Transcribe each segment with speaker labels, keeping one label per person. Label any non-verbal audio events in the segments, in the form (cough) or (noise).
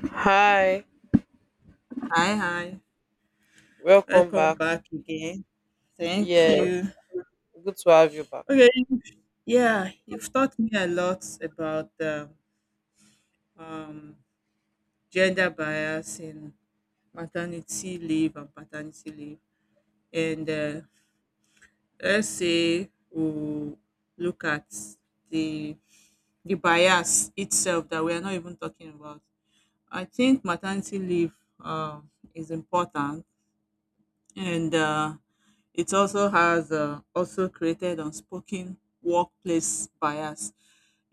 Speaker 1: Hi,
Speaker 2: Hi, hi.
Speaker 1: welcome
Speaker 2: Welcome
Speaker 1: back.
Speaker 2: back again. Thank
Speaker 1: Yes,
Speaker 2: you.
Speaker 1: good to have you back.
Speaker 2: Okay. Yeah, you've taught me a lot about gender bias in maternity leave and paternity leave. And let's say we look at the the bias itself that we are not even talking about. I think maternity leave is important, and it also has also created unspoken workplace bias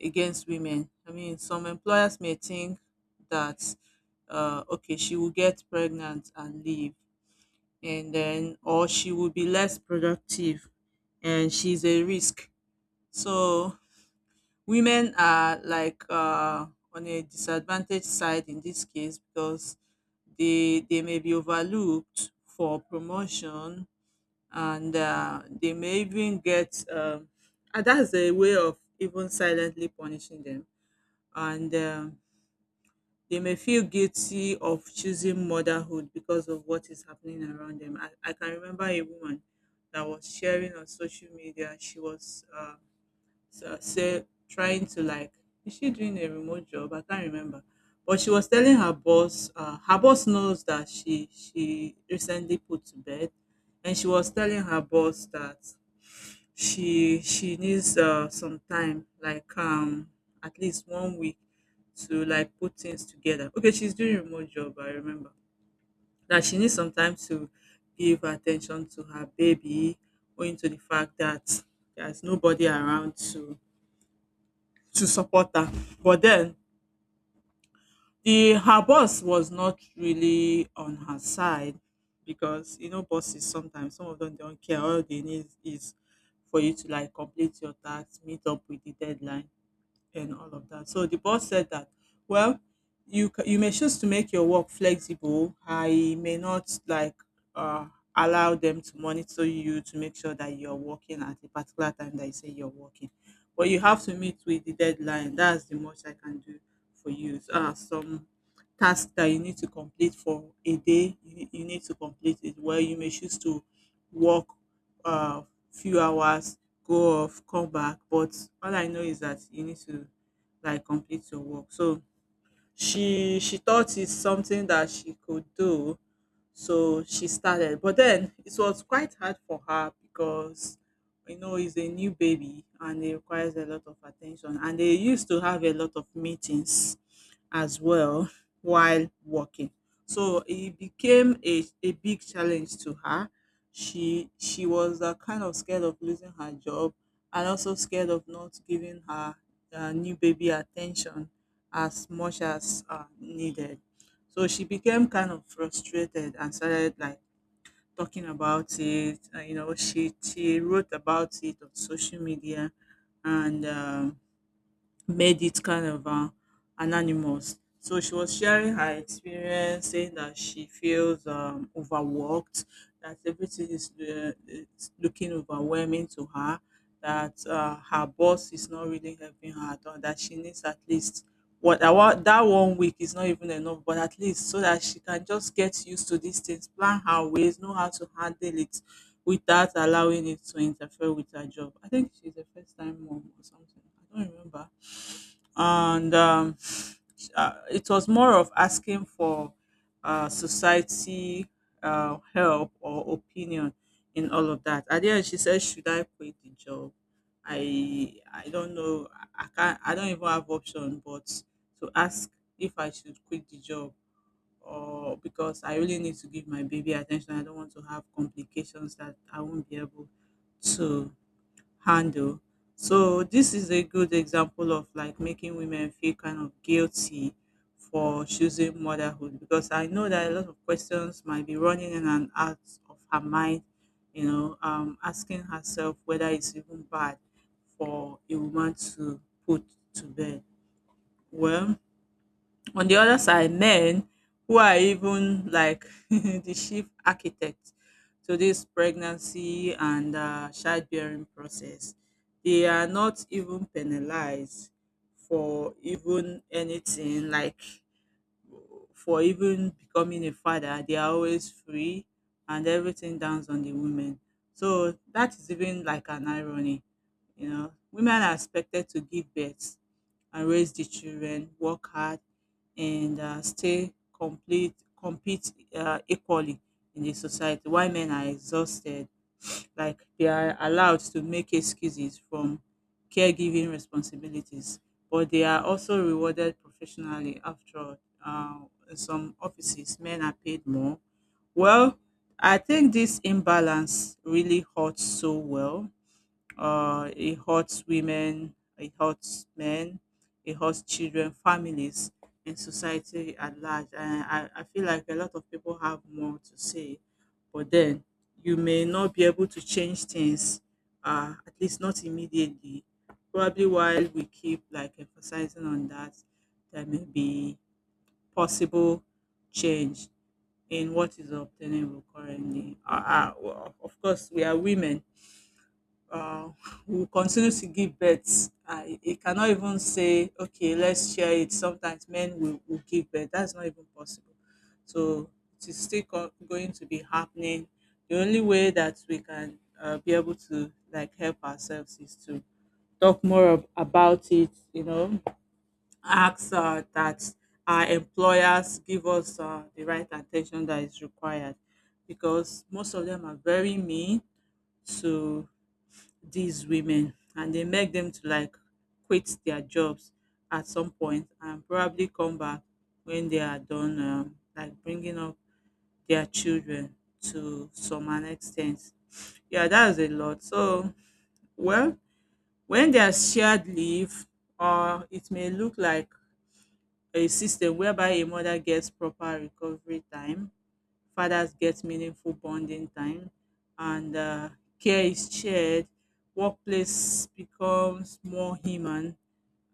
Speaker 2: against women. I mean, some employers may think that okay, she will get pregnant and leave, and then or she will be less productive, and she's a risk. So women are like on a disadvantaged side in this case, because they may be overlooked for promotion, and they may even get and that's a way of even silently punishing them, and they may feel guilty of choosing motherhood because of what is happening around them. I can remember a woman that was sharing on social media. She was so, say, trying to like, is she doing a remote job? I can't remember. But she was telling her boss, her boss knows that she recently put to bed, and she was telling her boss that she needs some time, like at least 1 week, to like put things together. Okay, she's doing remote job. I remember that she needs some time to give attention to her baby, owing to the fact that there's nobody around to support her. But then the her boss was not really on her side, because you know, bosses sometimes, some of them don't care. All they need is for you to like complete your task, meet up with the deadline and all of that. So the boss said that, well, you may choose to make your work flexible. I may not like uh, allow them to monitor you to make sure that you're working at a particular time that you say you're working, but you have to meet with the deadline. That's the most I can do for you. So, some tasks that you need to complete for a day, you need to complete it. Well, you may choose to work uh, few hours, go off, come back. But all I know is that you need to like complete your work. So she thought it's something that she could do, so she started. But then it was quite hard for her, because you know, it's a new baby and it requires a lot of attention, and they used to have a lot of meetings as well while working. So it became a big challenge to her. She was kind of scared of losing her job, and also scared of not giving her new baby attention as much as needed. So she became kind of frustrated and started like talking about it. She wrote about it on social media, and made it kind of anonymous. So she was sharing her experience, saying that she feels overworked, that everything is it's looking overwhelming to her, that her boss is not really helping her at all, that she needs at least what, that 1 week is not even enough, but at least so that she can just get used to these things, plan her ways, know how to handle it without allowing it to interfere with her job. I think she's a first time mom or something. I don't remember. And it was more of asking for society help or opinion in all of that. At the end, she said, "Should I quit the job? I don't know. I can't. I don't even have option, but to ask if I should quit the job." Or because I really need to give my baby attention, I don't want to have complications that I won't be able to handle. So this is a good example of like making women feel kind of guilty for choosing motherhood, because I know that a lot of questions might be running in and out of her mind, asking herself whether it's even bad for a woman to put to bed. Well, on the other side, men who are even like (laughs) the chief architect to this pregnancy and childbearing process, they are not even penalized for even anything, like for even becoming a father. They are always free, and everything downs on the women. So that is even like an irony. You know, women are expected to give birth and raise the children, work hard, and stay complete, compete equally in the society. Why men are exhausted, like they are allowed to make excuses from caregiving responsibilities, but they are also rewarded professionally. After all, uh, in some offices men are paid more. Well, I think this imbalance really hurts. So, well, it hurts women, it hurts men, it hurts children, families, and society at large. And I feel like a lot of people have more to say, but then you may not be able to change things, at least not immediately. Probably while we keep like emphasizing on that, there may be possible change in what is obtainable currently. Well, of course, we are women uh, will continue to give birth. I it cannot even say, okay, let's share it. Sometimes men will give birth. That's not even possible. So it is still going to be happening. The only way that we can be able to like help ourselves is to talk more about it, ask that our employers give us the right attention that is required, because most of them are very mean to these women, and they make them to like quit their jobs at some point and probably come back when they are done like bringing up their children to some an extent. Yeah, that's a lot. So, well, when there's shared leave, or it may look like a system whereby a mother gets proper recovery time, fathers get meaningful bonding time, and care is shared, workplace becomes more human.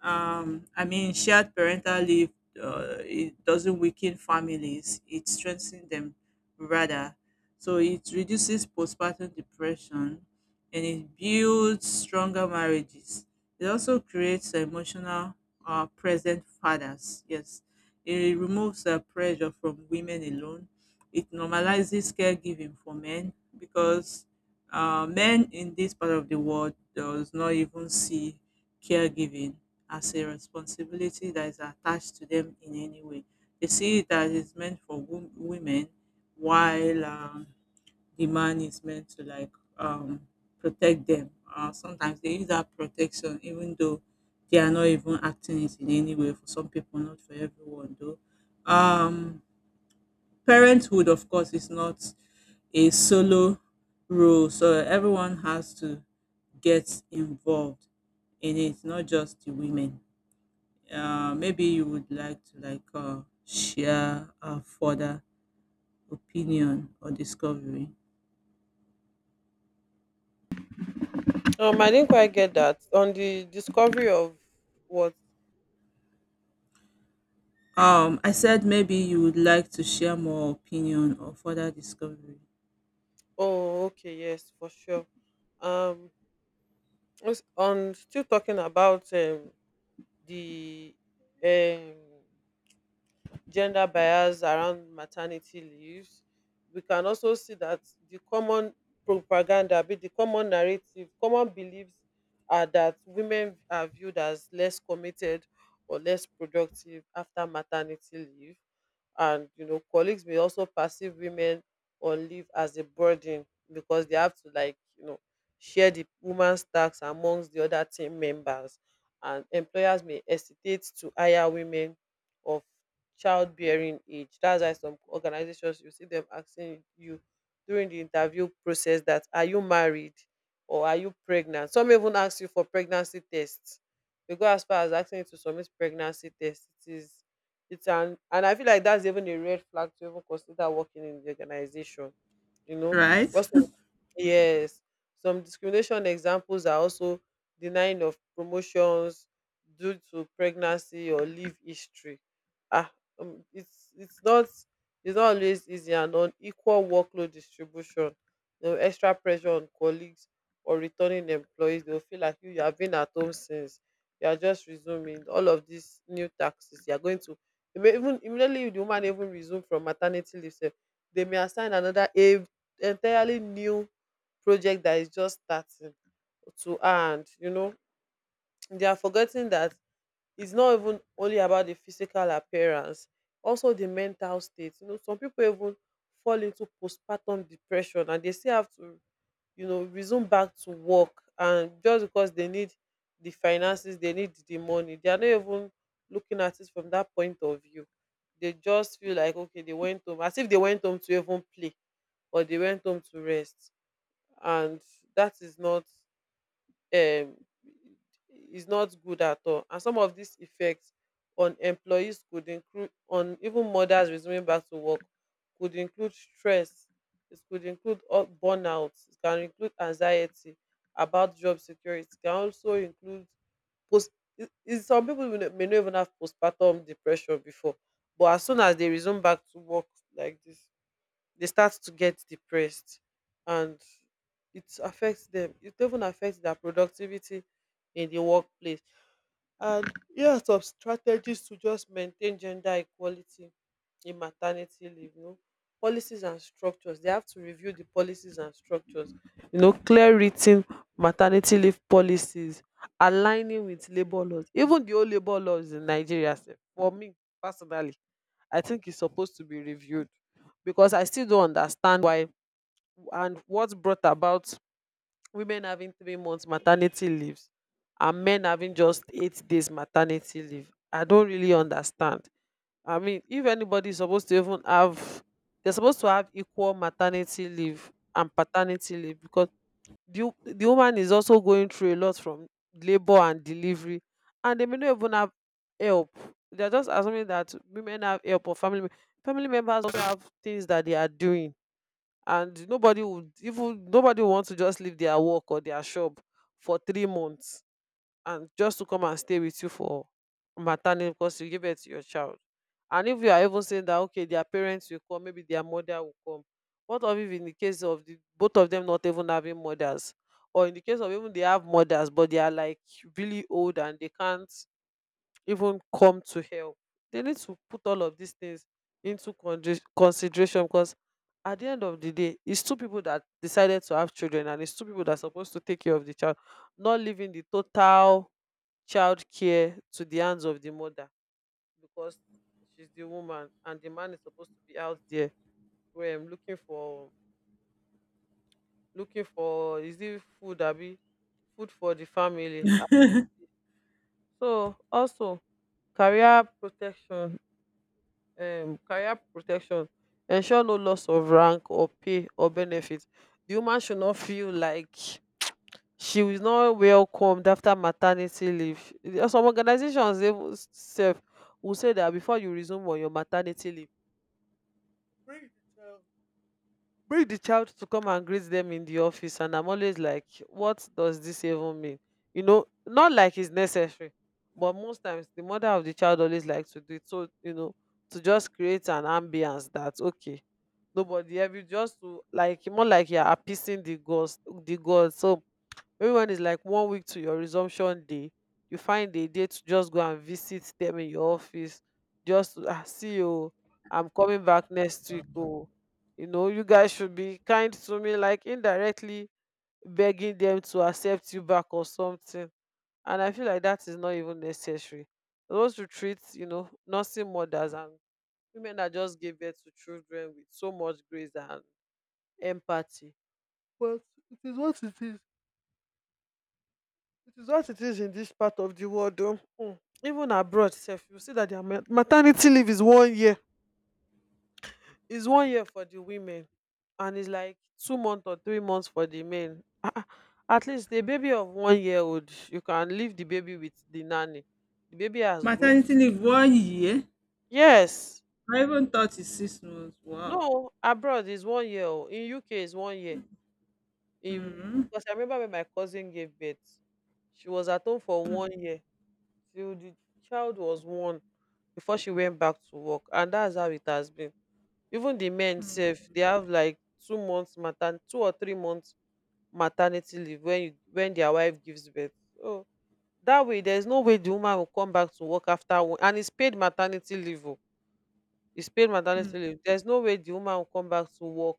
Speaker 2: I mean, shared parental leave, it doesn't weaken families; it strengthens them rather. So it reduces postpartum depression, and it builds stronger marriages. It also creates emotional, present fathers. Yes, it removes the pressure from women alone. It normalizes caregiving for men, because men in this part of the world does not even see caregiving as a responsibility that is attached to them in any way. They see it that it's meant for women, while the man is meant to like um, protect them. Sometimes they use that protection, even though they are not even acting it in any way. For some people, not for everyone, though. Um, Parenthood, of course, is not a solo role, so everyone has to get involved in it, not just the women. Maybe you would like to like share a further opinion or discovery.
Speaker 1: I didn't quite get that on the discovery of what.
Speaker 2: I said maybe you would like to share more opinion or further discovery.
Speaker 1: Oh, okay, yes, for sure. Um, was- on still talking about the um gender bias around maternity leaves. We can also see that the common propaganda, be the common narrative, common beliefs are that women are viewed as less committed or less productive after maternity leave. And you know, colleagues may also perceive women on leave as a burden because they have to, like, you know, share the woman's tasks amongst the other team members. And employers may hesitate to hire women of childbearing age. That's why some organizations, you see them asking you during the interview process that, are you married or are you pregnant? Some even ask you for pregnancy tests. They go as far as asking you to submit pregnancy tests. It is it's an and I feel like that's even a red flag to even consider working in the organization. You know,
Speaker 2: Right?
Speaker 1: also. Yes. Some discrimination examples are also denying of promotions due to pregnancy or leave history. Ah, um, it's it's not it's not always easy, and unequal workload distribution. You know, extra pressure on colleagues or returning employees. They'll feel like you have been at home since. You are just resuming all of these new taxes. You are going to You may even, immediately the woman even resume from maternity leave. Sef, they may assign another a entirely new project that is just starting to, and you know they are forgetting that it's not even only about the physical appearance, also the mental state. You know, some people even fall into postpartum depression and they still have to, you know, resume back to work. And just because they need the finances, they need the money, they are not even looking at it from that point of view. They just feel like, okay, they went home as if they went home to even play or they went home to rest. And that is not, um is not good at all. And some of dis effects on employees could include, on even mothers resuming back to work, could include stress, it could include all burnout, it can include anxiety about job security, it can also include post, some people may no, may no even have postpartum depression before, but as soon as they resume back to work like this, they start to get depressed. And it affects them, it even affects their productivity in the workplace. And here are some strategies to just maintain gender equality in maternity leave. You know, policies and structures, they have to review the policies and structures. You know, clear written maternity leave policies aligning with labour laws. Even the old labour laws in Nigeria sef, for me personally, I think it's supposed to be reviewed because I still don't understand why and what brought about women having 3 months maternity leaves and men having just 8 days maternity leave. I don't really understand. I mean, if anybody is supposed to even have, they're supposed to have equal maternity leave and paternity leave because the woman is also going through a lot from labor and delivery, and they may not even have help. They're just assuming that women have help, or family members also have things that they are doing, and nobody would want to just leave their work or their shop for 3 months and just to come and stay with you for maternity because you give birth to your child. And if you are even saying that, okay, their parents will come, maybe their mother will come. What of if in the case of the both of them not even having mothers? Or in the case of even they have mothers, but they are like really old and they can't even come to help. They need to put all of these things into consideration because at the end of the day, it's two people that decided to have children and it's two people that are supposed to take care of the child, not leaving the total child care to the hands of the mother because she's the woman and the man is supposed to be out there, where I'm looking for, looking for, is it food abi, food for the family.
Speaker 2: (laughs)
Speaker 1: So also career protection. Career protection ensure no loss of rank or pay or benefit. The woman should not feel like she is not welcomed after maternity leave. There Some organizations even sef will say that before you resume on your maternity leave, bring the child bring the child to come and greet them in the office. And I'm always like, what does this even mean? You know, not like it's necessary, but most times the mother of the child always like to do it, so, you know, to just create an ambience that, okay, nobody help you, just to like, more like you're appeasing the gods. So maybe when it's like 1 week to your resumption day, you find a day to just go and visit them in your office just to, ah, see you, I'm coming back next week oh. You know, you guys should be kind to me, like indirectly begging them to accept you back or something. And I feel like that is not even necessary. Those to treat, you know, nursing mothers and women that just gave birth to children with so much grace and empathy. But it is what it is. It is what it is in this part of the world. Oh. Mm. Even abroad self, you see that their maternity leave is 1 year. Is 1 year for the women, and it's like 2 months or 3 months for the men. Ah, ah. At least a baby of 1 year old, you can leave the baby with the nanny. The baby has grown.
Speaker 2: Maternity leave 1 year?
Speaker 1: Yes.
Speaker 2: I
Speaker 1: In-
Speaker 2: even thought it's 6 months. Wow.
Speaker 1: No, abroad is 1 year. Oh. In UK is 1 year. In,
Speaker 2: Hmm.
Speaker 1: because I remember when my cousin gave birth, she was at home for 1 year till the child was one before she went back to work. And that's how it has been. Even the men sef, they have like 2 or 3 months maternity leave when you when their wife gives birth. So that way, there's no way the woman will come back to work after one, and it's paid maternity leave o. It's paid maternity leave. There's no way the woman will come back to work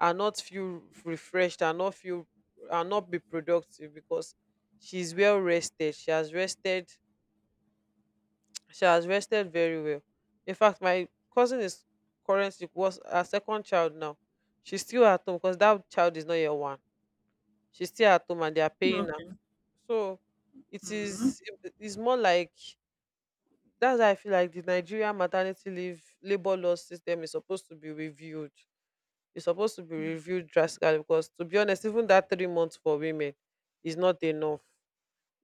Speaker 1: and not feel refreshed and not feel and not be productive because she's well rested, she has rested. She has rested very well. In fact, my cousin is currently, was her second child now. She's still at home because that child is not yet one. She's still at home and they are paying her.
Speaker 2: Okay.
Speaker 1: So it
Speaker 2: Hmm.
Speaker 1: is, it is more like, that's why I feel like the Nigerian maternity leave labor law system is supposed to be reviewed. It's supposed to be reviewed drastically because, to be honest, even that 3 months for women is not enough.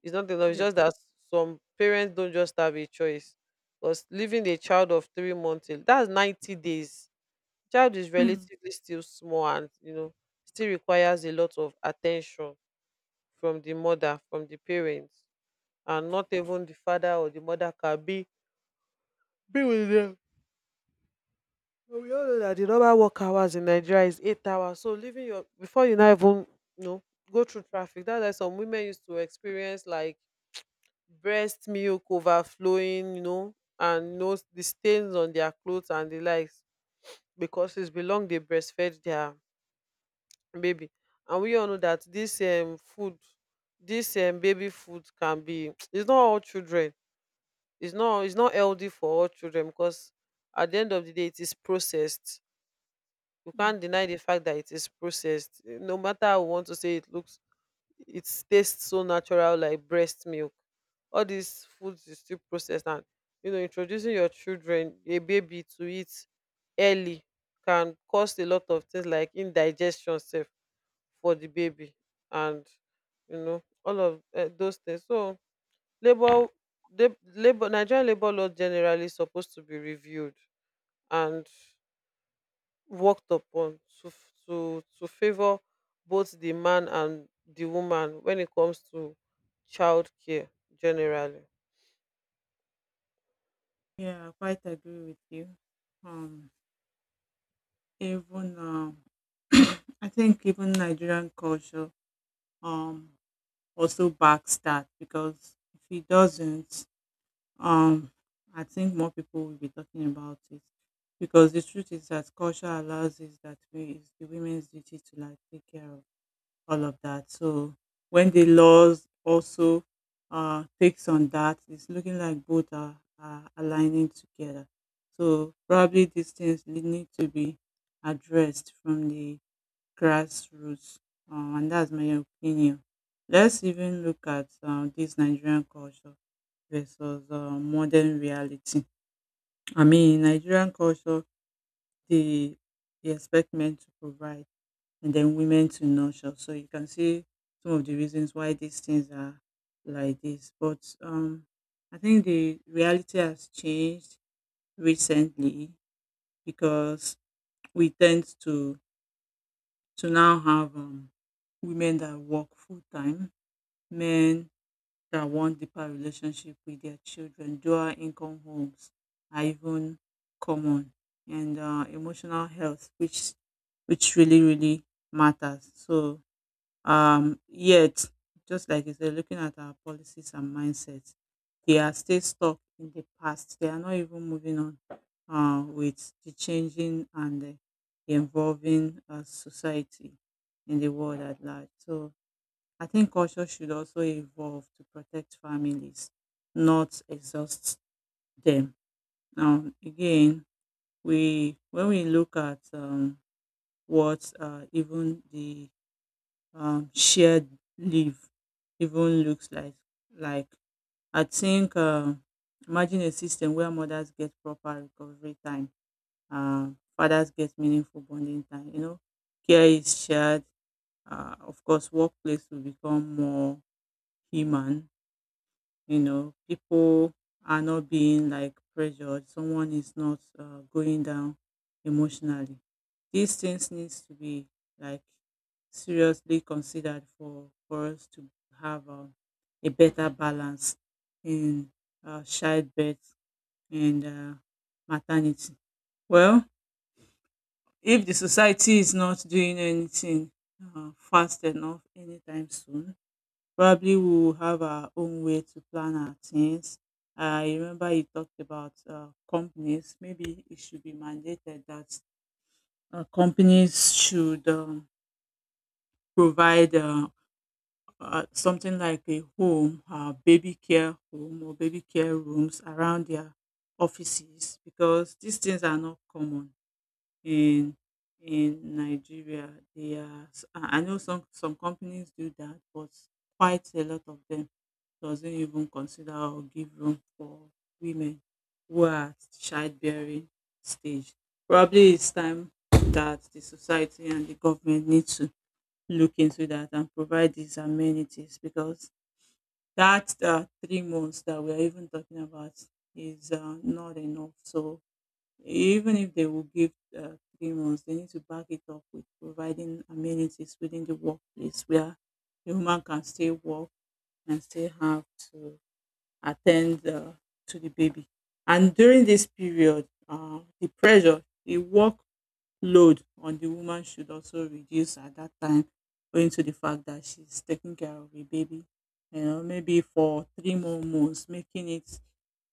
Speaker 1: It's not enough. It's
Speaker 2: Yes.
Speaker 1: just that some parents don't just have a choice. Because leaving a child of 3 months, that's 90 days. Child is
Speaker 2: Mm.
Speaker 1: relatively still small and, you know, still requires a lot of attention from the mother, from the parents. And not even the father or the mother can be with them. But we all know that the normal work hours in Nigeria is 8 hours. So leaving before you now even, you know, go through traffic, that's why some women used to experience like breast milk overflowing, you know, and no, the stains on their clothes and the likes because it's belong, they breastfed their baby. And we all know that this food, this baby food can be (tsk) it's not all children. It's not healthy for all children because at the end of the day, it is processed. You
Speaker 2: Mm.
Speaker 1: can't deny the fact that it is processed. No matter how we want to say it looks, it tastes so natural like breast milk. All these foods is still processed, and you know, introducing your children, a baby, to it early can cause a lot of things like indigestion sef for the baby. And you know, all of those things. So labour labour, Nigerian labour law generally supposed to be reviewed and worked upon to to favour both di man and di woman when it comes to childcare generally.
Speaker 2: Yeah, I quite agree with you. Um, Even, I think even Nigerian culture um also backs that. Because if he doesn't, um, I think more people will be talking about it. Because the truth is that culture allows is that we it's the women's duty to like take care of all of that. So when the laws also takes on that, it's looking like both are aligning together. So probably these things need to be addressed from the grassroots, and that's my opinion. Let's even look at dis Nigerian culture versus modern reality. I mean, in Nigerian culture dey they expect men to provide, and then women to nurture, so you can see some of the reasons why these things are like this. But I think the reality has changed recently, because we tend to now have women that work full time, men that want deeper relationship with their children. Dual income homes are even common, and emotional health, which really really matters. So yet, just like you said, looking at our policies and mindsets, they are still stuck in the past. They are not even moving on with the changing and the evolving society in the world at large. So I think culture should also evolve to protect families, not exhaust them. Now, again, we when we look at what even the shared leave even looks like, like I think imagine a system where mothers get proper recovery time, uh, fathers get meaningful bonding time. You know, care is shared. Of course, workplace will become more human, people are not being like pressured, someone is not going down emotionally. These things needs to be like seriously considered for us to have a better balance in childbirth and maternity. Well, if the society is not doing anything fast enough anytime soon, probably we will have our own way to plan our things. I remember you talked about companies. Maybe it should be mandated that companies should provide something like a home, baby care home or baby care rooms around their offices because these things are not common in in Nigeria. I know some companies do that, but quite a lot of them doesn't even consider or give room for women who are at childbearing stage. Probably it's time that the society and the government need to look into that and provide these amenities because that 3 months that we are even talking about is not enough. So even if they will give 3 months, they need to back it up with providing amenities within the workplace where the woman can still work and still have to attend to the baby. And during this period, the pressure, the workload on the woman should also reduce at that time, owing to the fact that she's taking care of a baby. You know, maybe for three more months, making it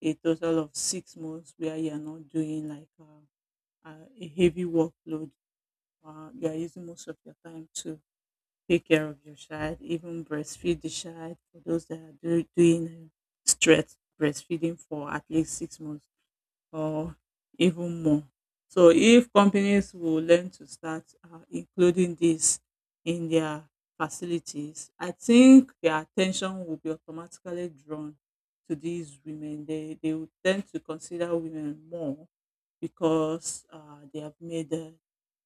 Speaker 2: a total of 6 months where you're not doing like a heavy workload. You are using most of your time to take care of your child, even breastfeed the child. For those that are doing stretch breastfeeding for at least 6 months or even more. So if companies will learn to start including this in their facilities, I think their attention will be automatically drawn to these women. They will tend to consider women more because they have made uh,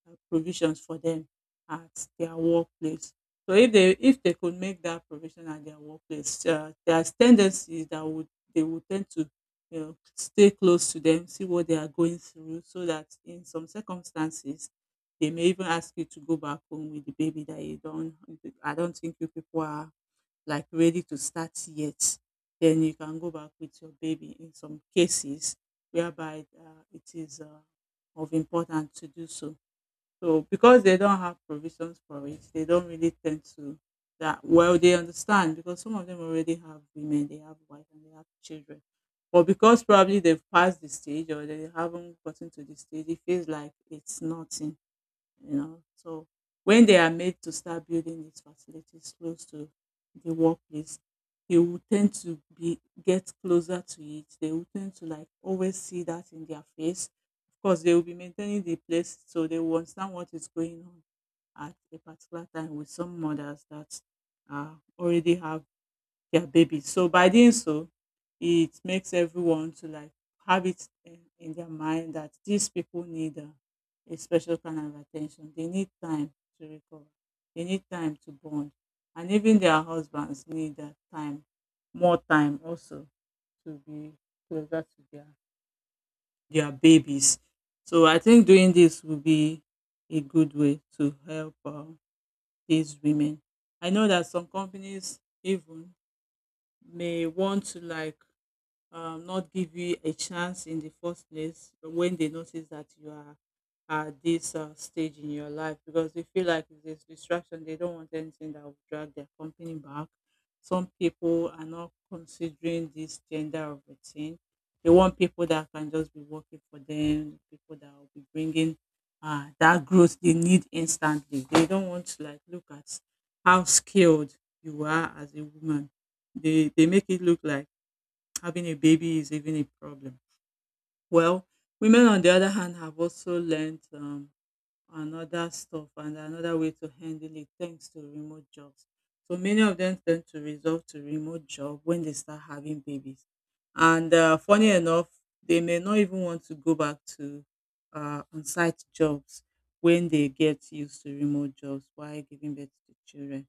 Speaker 2: uh, provisions for them at their workplace. So if they could make that provision at their workplace, there's tendencies that would they would tend to, you know, stay close to them, see what they are going through, so that in some circumstances they may even ask you to go back home with the baby that you don't. I don't think you people are like ready to start yet. Then you can go back with your baby in some cases whereby it is of importance to do so. So because they don't have provisions for it, they don't really tend to that. Well, they understand because some of them already have women, they have wife and they have children. But because probably they've passed the stage or they haven't gotten to the stage, it feels like it's nothing, you know. So when they are made to start building these facilities close to the workplace, they will tend to be get closer to it. They will tend to like always see that in their face. Of course, they will be maintaining the place, so they will understand what is going on at a particular time with some mothers that already have their baby. So by doing so, it makes everyone to like have it in their mind that these people need a special kind of attention. They need time to recover. They need time to bond, and even their husbands need that time, more time also to be closer to their babies. So I think doing this will be a good way to help these women. I know that some companies even may want to like not give you a chance in the first place when they notice that you are at this stage in your life because they feel like if there's distraction, they don't want anything that will drag their company back. Some people are not considering this gender of a thing. They want people that can just be working for them, people that will be bringing that growth they need instantly. They don't want to like look at how skilled you are as a woman. They make it look like having a baby is even a problem. Well, women, on the other hand, have also learned another stuff and another way to handle it thanks to remote jobs. So many of them tend to resort to remote job when they start having babies. And funny enough, they may not even want to go back to on-site jobs when they get used to remote jobs while giving birth to children.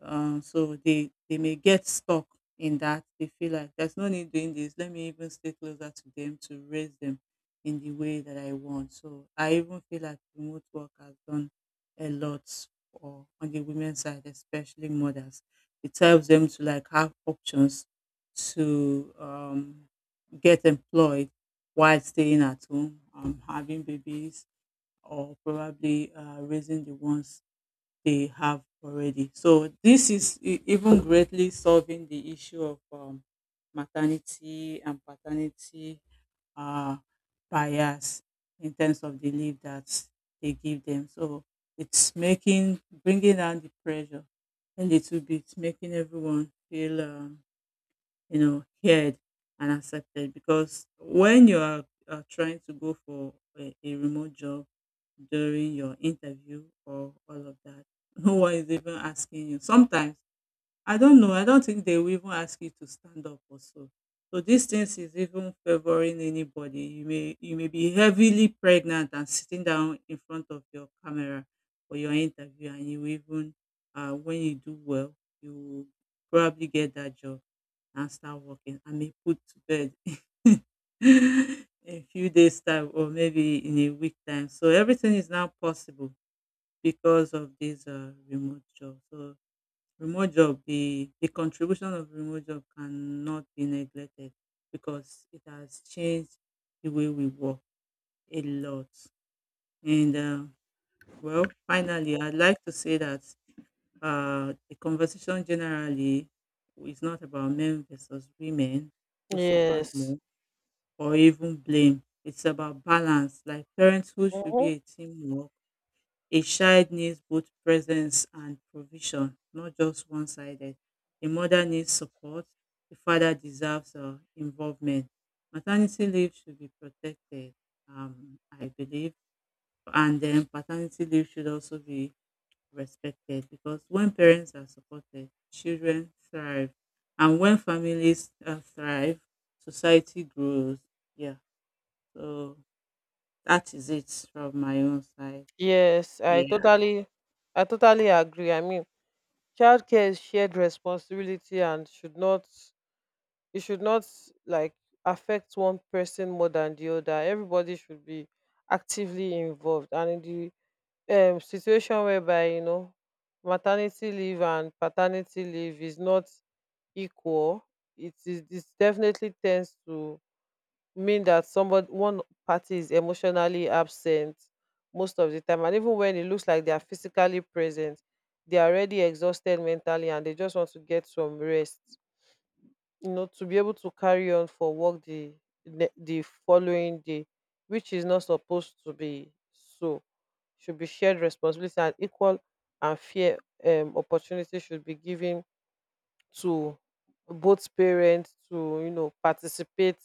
Speaker 2: So they may get stuck in that. They feel like there's no need doing this. Let me even stay closer to them to raise them in the way that I want. So I even feel like remote work has done a lot for on the women's side, especially mothers. It helps them to like have options to get employed while staying at home, having babies, or probably raising the ones they have already. So this is even greatly solving the issue of maternity and paternity uh, bias in terms of the leave that they give them. So it's making bringing down the pressure a little bit, making everyone feel you know, heard and accepted. Because when you are trying to go for a remote job during your interview or all of that, (laughs) no one is even asking you. Sometimes I don't know. I don't think they will even ask you to stand up or so. So these things is even favoring anybody. You may be heavily pregnant and sitting down in front of your camera for your interview, and you even when you do well, you will probably get that job and start working and be put to bed (laughs) in a few days time or maybe in a week time. So everything is now possible because of this remote job. So remote job the contribution of remote job cannot be neglected because it has changed the way we work a lot. And well, finally, I'd like to say that the conversation generally is not about men versus women who suffers
Speaker 1: Yes.
Speaker 2: more or even blame. It's about balance. Like, parenthood should
Speaker 1: Hmm.
Speaker 2: be a teamwork. A child needs both presence and provision, not just one sided. A mother needs support, a father deserves involvement. Maternity leave should be protected, I believe, and then paternity leave should also be respected because when parents are supported, children thrive, and when families thrive, society grows. Yeah, so that is it from my own side.
Speaker 1: Yes, I
Speaker 2: Yeah.
Speaker 1: totally I totally agree. I mean, childcare is shared responsibility and should not, it should not like affect one person more than the other. Everybody should be actively involved and in the situation whereby maternity leave and paternity leave is not equal. It is this definitely tends to mean that somebody one party is emotionally absent most of the time, and even when it looks like they are physically present, they are already exhausted mentally and they just want to get some rest, you know, to be able to carry on for work the following day, which is not supposed to be so. Should be shared responsibility, and equal and fair, opportunity should be given to both parents to, participate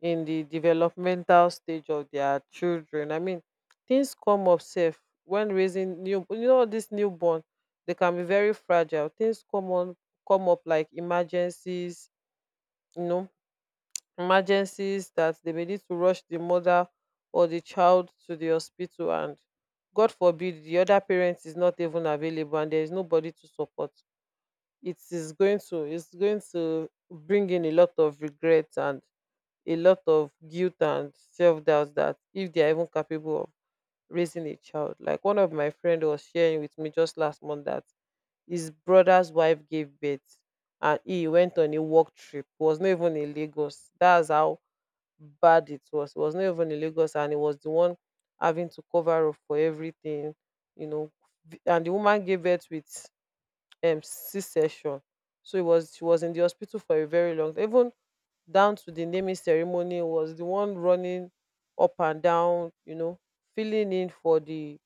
Speaker 1: in the developmental stage of their children. I mean, things come up safe when raising new, this newborn. They can be very fragile. Things come up like emergencies, you know emergencies that they may need to rush the mother or the child to the hospital, and god forbid the other parent is not even available and there is nobody to support. It's going to bring in a lot of regret and a lot of guilt and self-doubt, that if they are even capable of raising a child. Like, one of my friend was sharing with me just last month that his brother's wife gave birth and he went on a work trip. He was not even in Lagos. That's how bad it was. It was not even in Lagos, and it was the one having to cover up for everything, you know. And the woman gave birth with C section. So it was, she was in the hospital for a very long, even down to the naming ceremony, was the one running up and down, you know, filling in for the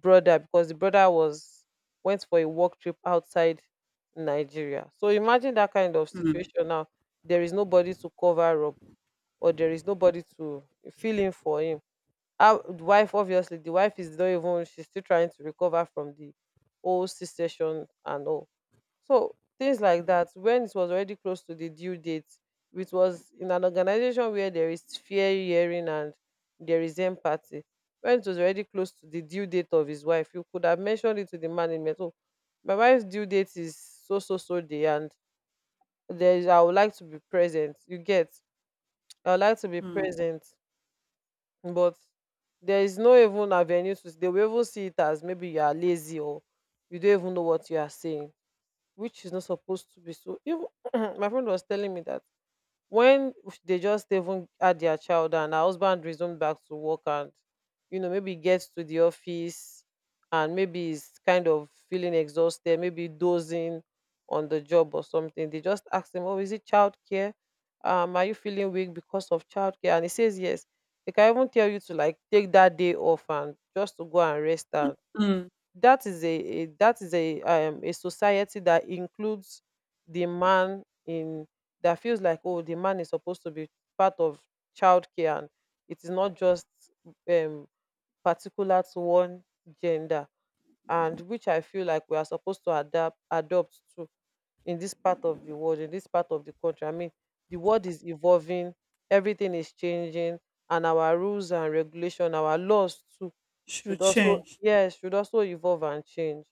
Speaker 1: brother, because the brother was, went for a work trip outside Nigeria. So imagine that kind of
Speaker 2: Mm.
Speaker 1: situation now. There is nobody to cover up, or there is nobody to fill in for him. How the wife, obviously the wife is not even, she's still trying to recover from the whole C-section and all. So things like that. When it was already close to the due date, it was in an organization where there is fair hearing and there is empathy. When it was already close to the due date of his wife, you could have mentioned it to the management. Oh, my wife's due date is so so so day, and there is, I would like to be present. You get, I would like to be
Speaker 2: Mm.
Speaker 1: present, but there is no even avenue to, they will even see it as maybe you are lazy or you don't even know what you are saying, which is not supposed to be so. Even (clears throat) my friend was telling me that when they just even had their child and her husband resumed back to work, and you know, maybe gets to the office and maybe is kind of feeling exhausted, maybe dozing on the job or something, they just ask him, oh, is it childcare, are you feeling weak because of childcare? And he says yes. They can even tell you to, like, take that day off and just to go and rest. And
Speaker 2: Mm.
Speaker 1: that is a that is a society that includes the man, in that feels like, oh, the man is supposed to be part of childcare, and it is not just um particular to one gender. And which I feel like we are supposed to adapt adopt to in this part of the world, in this part of the country. I mean, the world is evolving, everything is changing, and our rules and regulation, our laws too
Speaker 2: should
Speaker 1: should also,
Speaker 2: change.
Speaker 1: yes, should also evolve and change.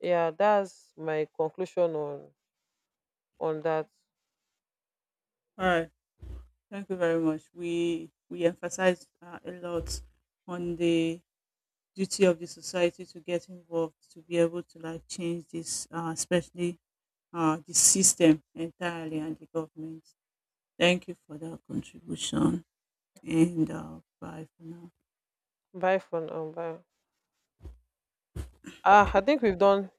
Speaker 1: Yeah, that's my conclusion on that.
Speaker 2: All right. Thank you very much. We emphasize a lot on the duty of the society to get involved to be able to like change this, especially the system entirely and the government. Thank you for that contribution. And bye for now.
Speaker 1: Bye for now. Bye. Ah, I think we've done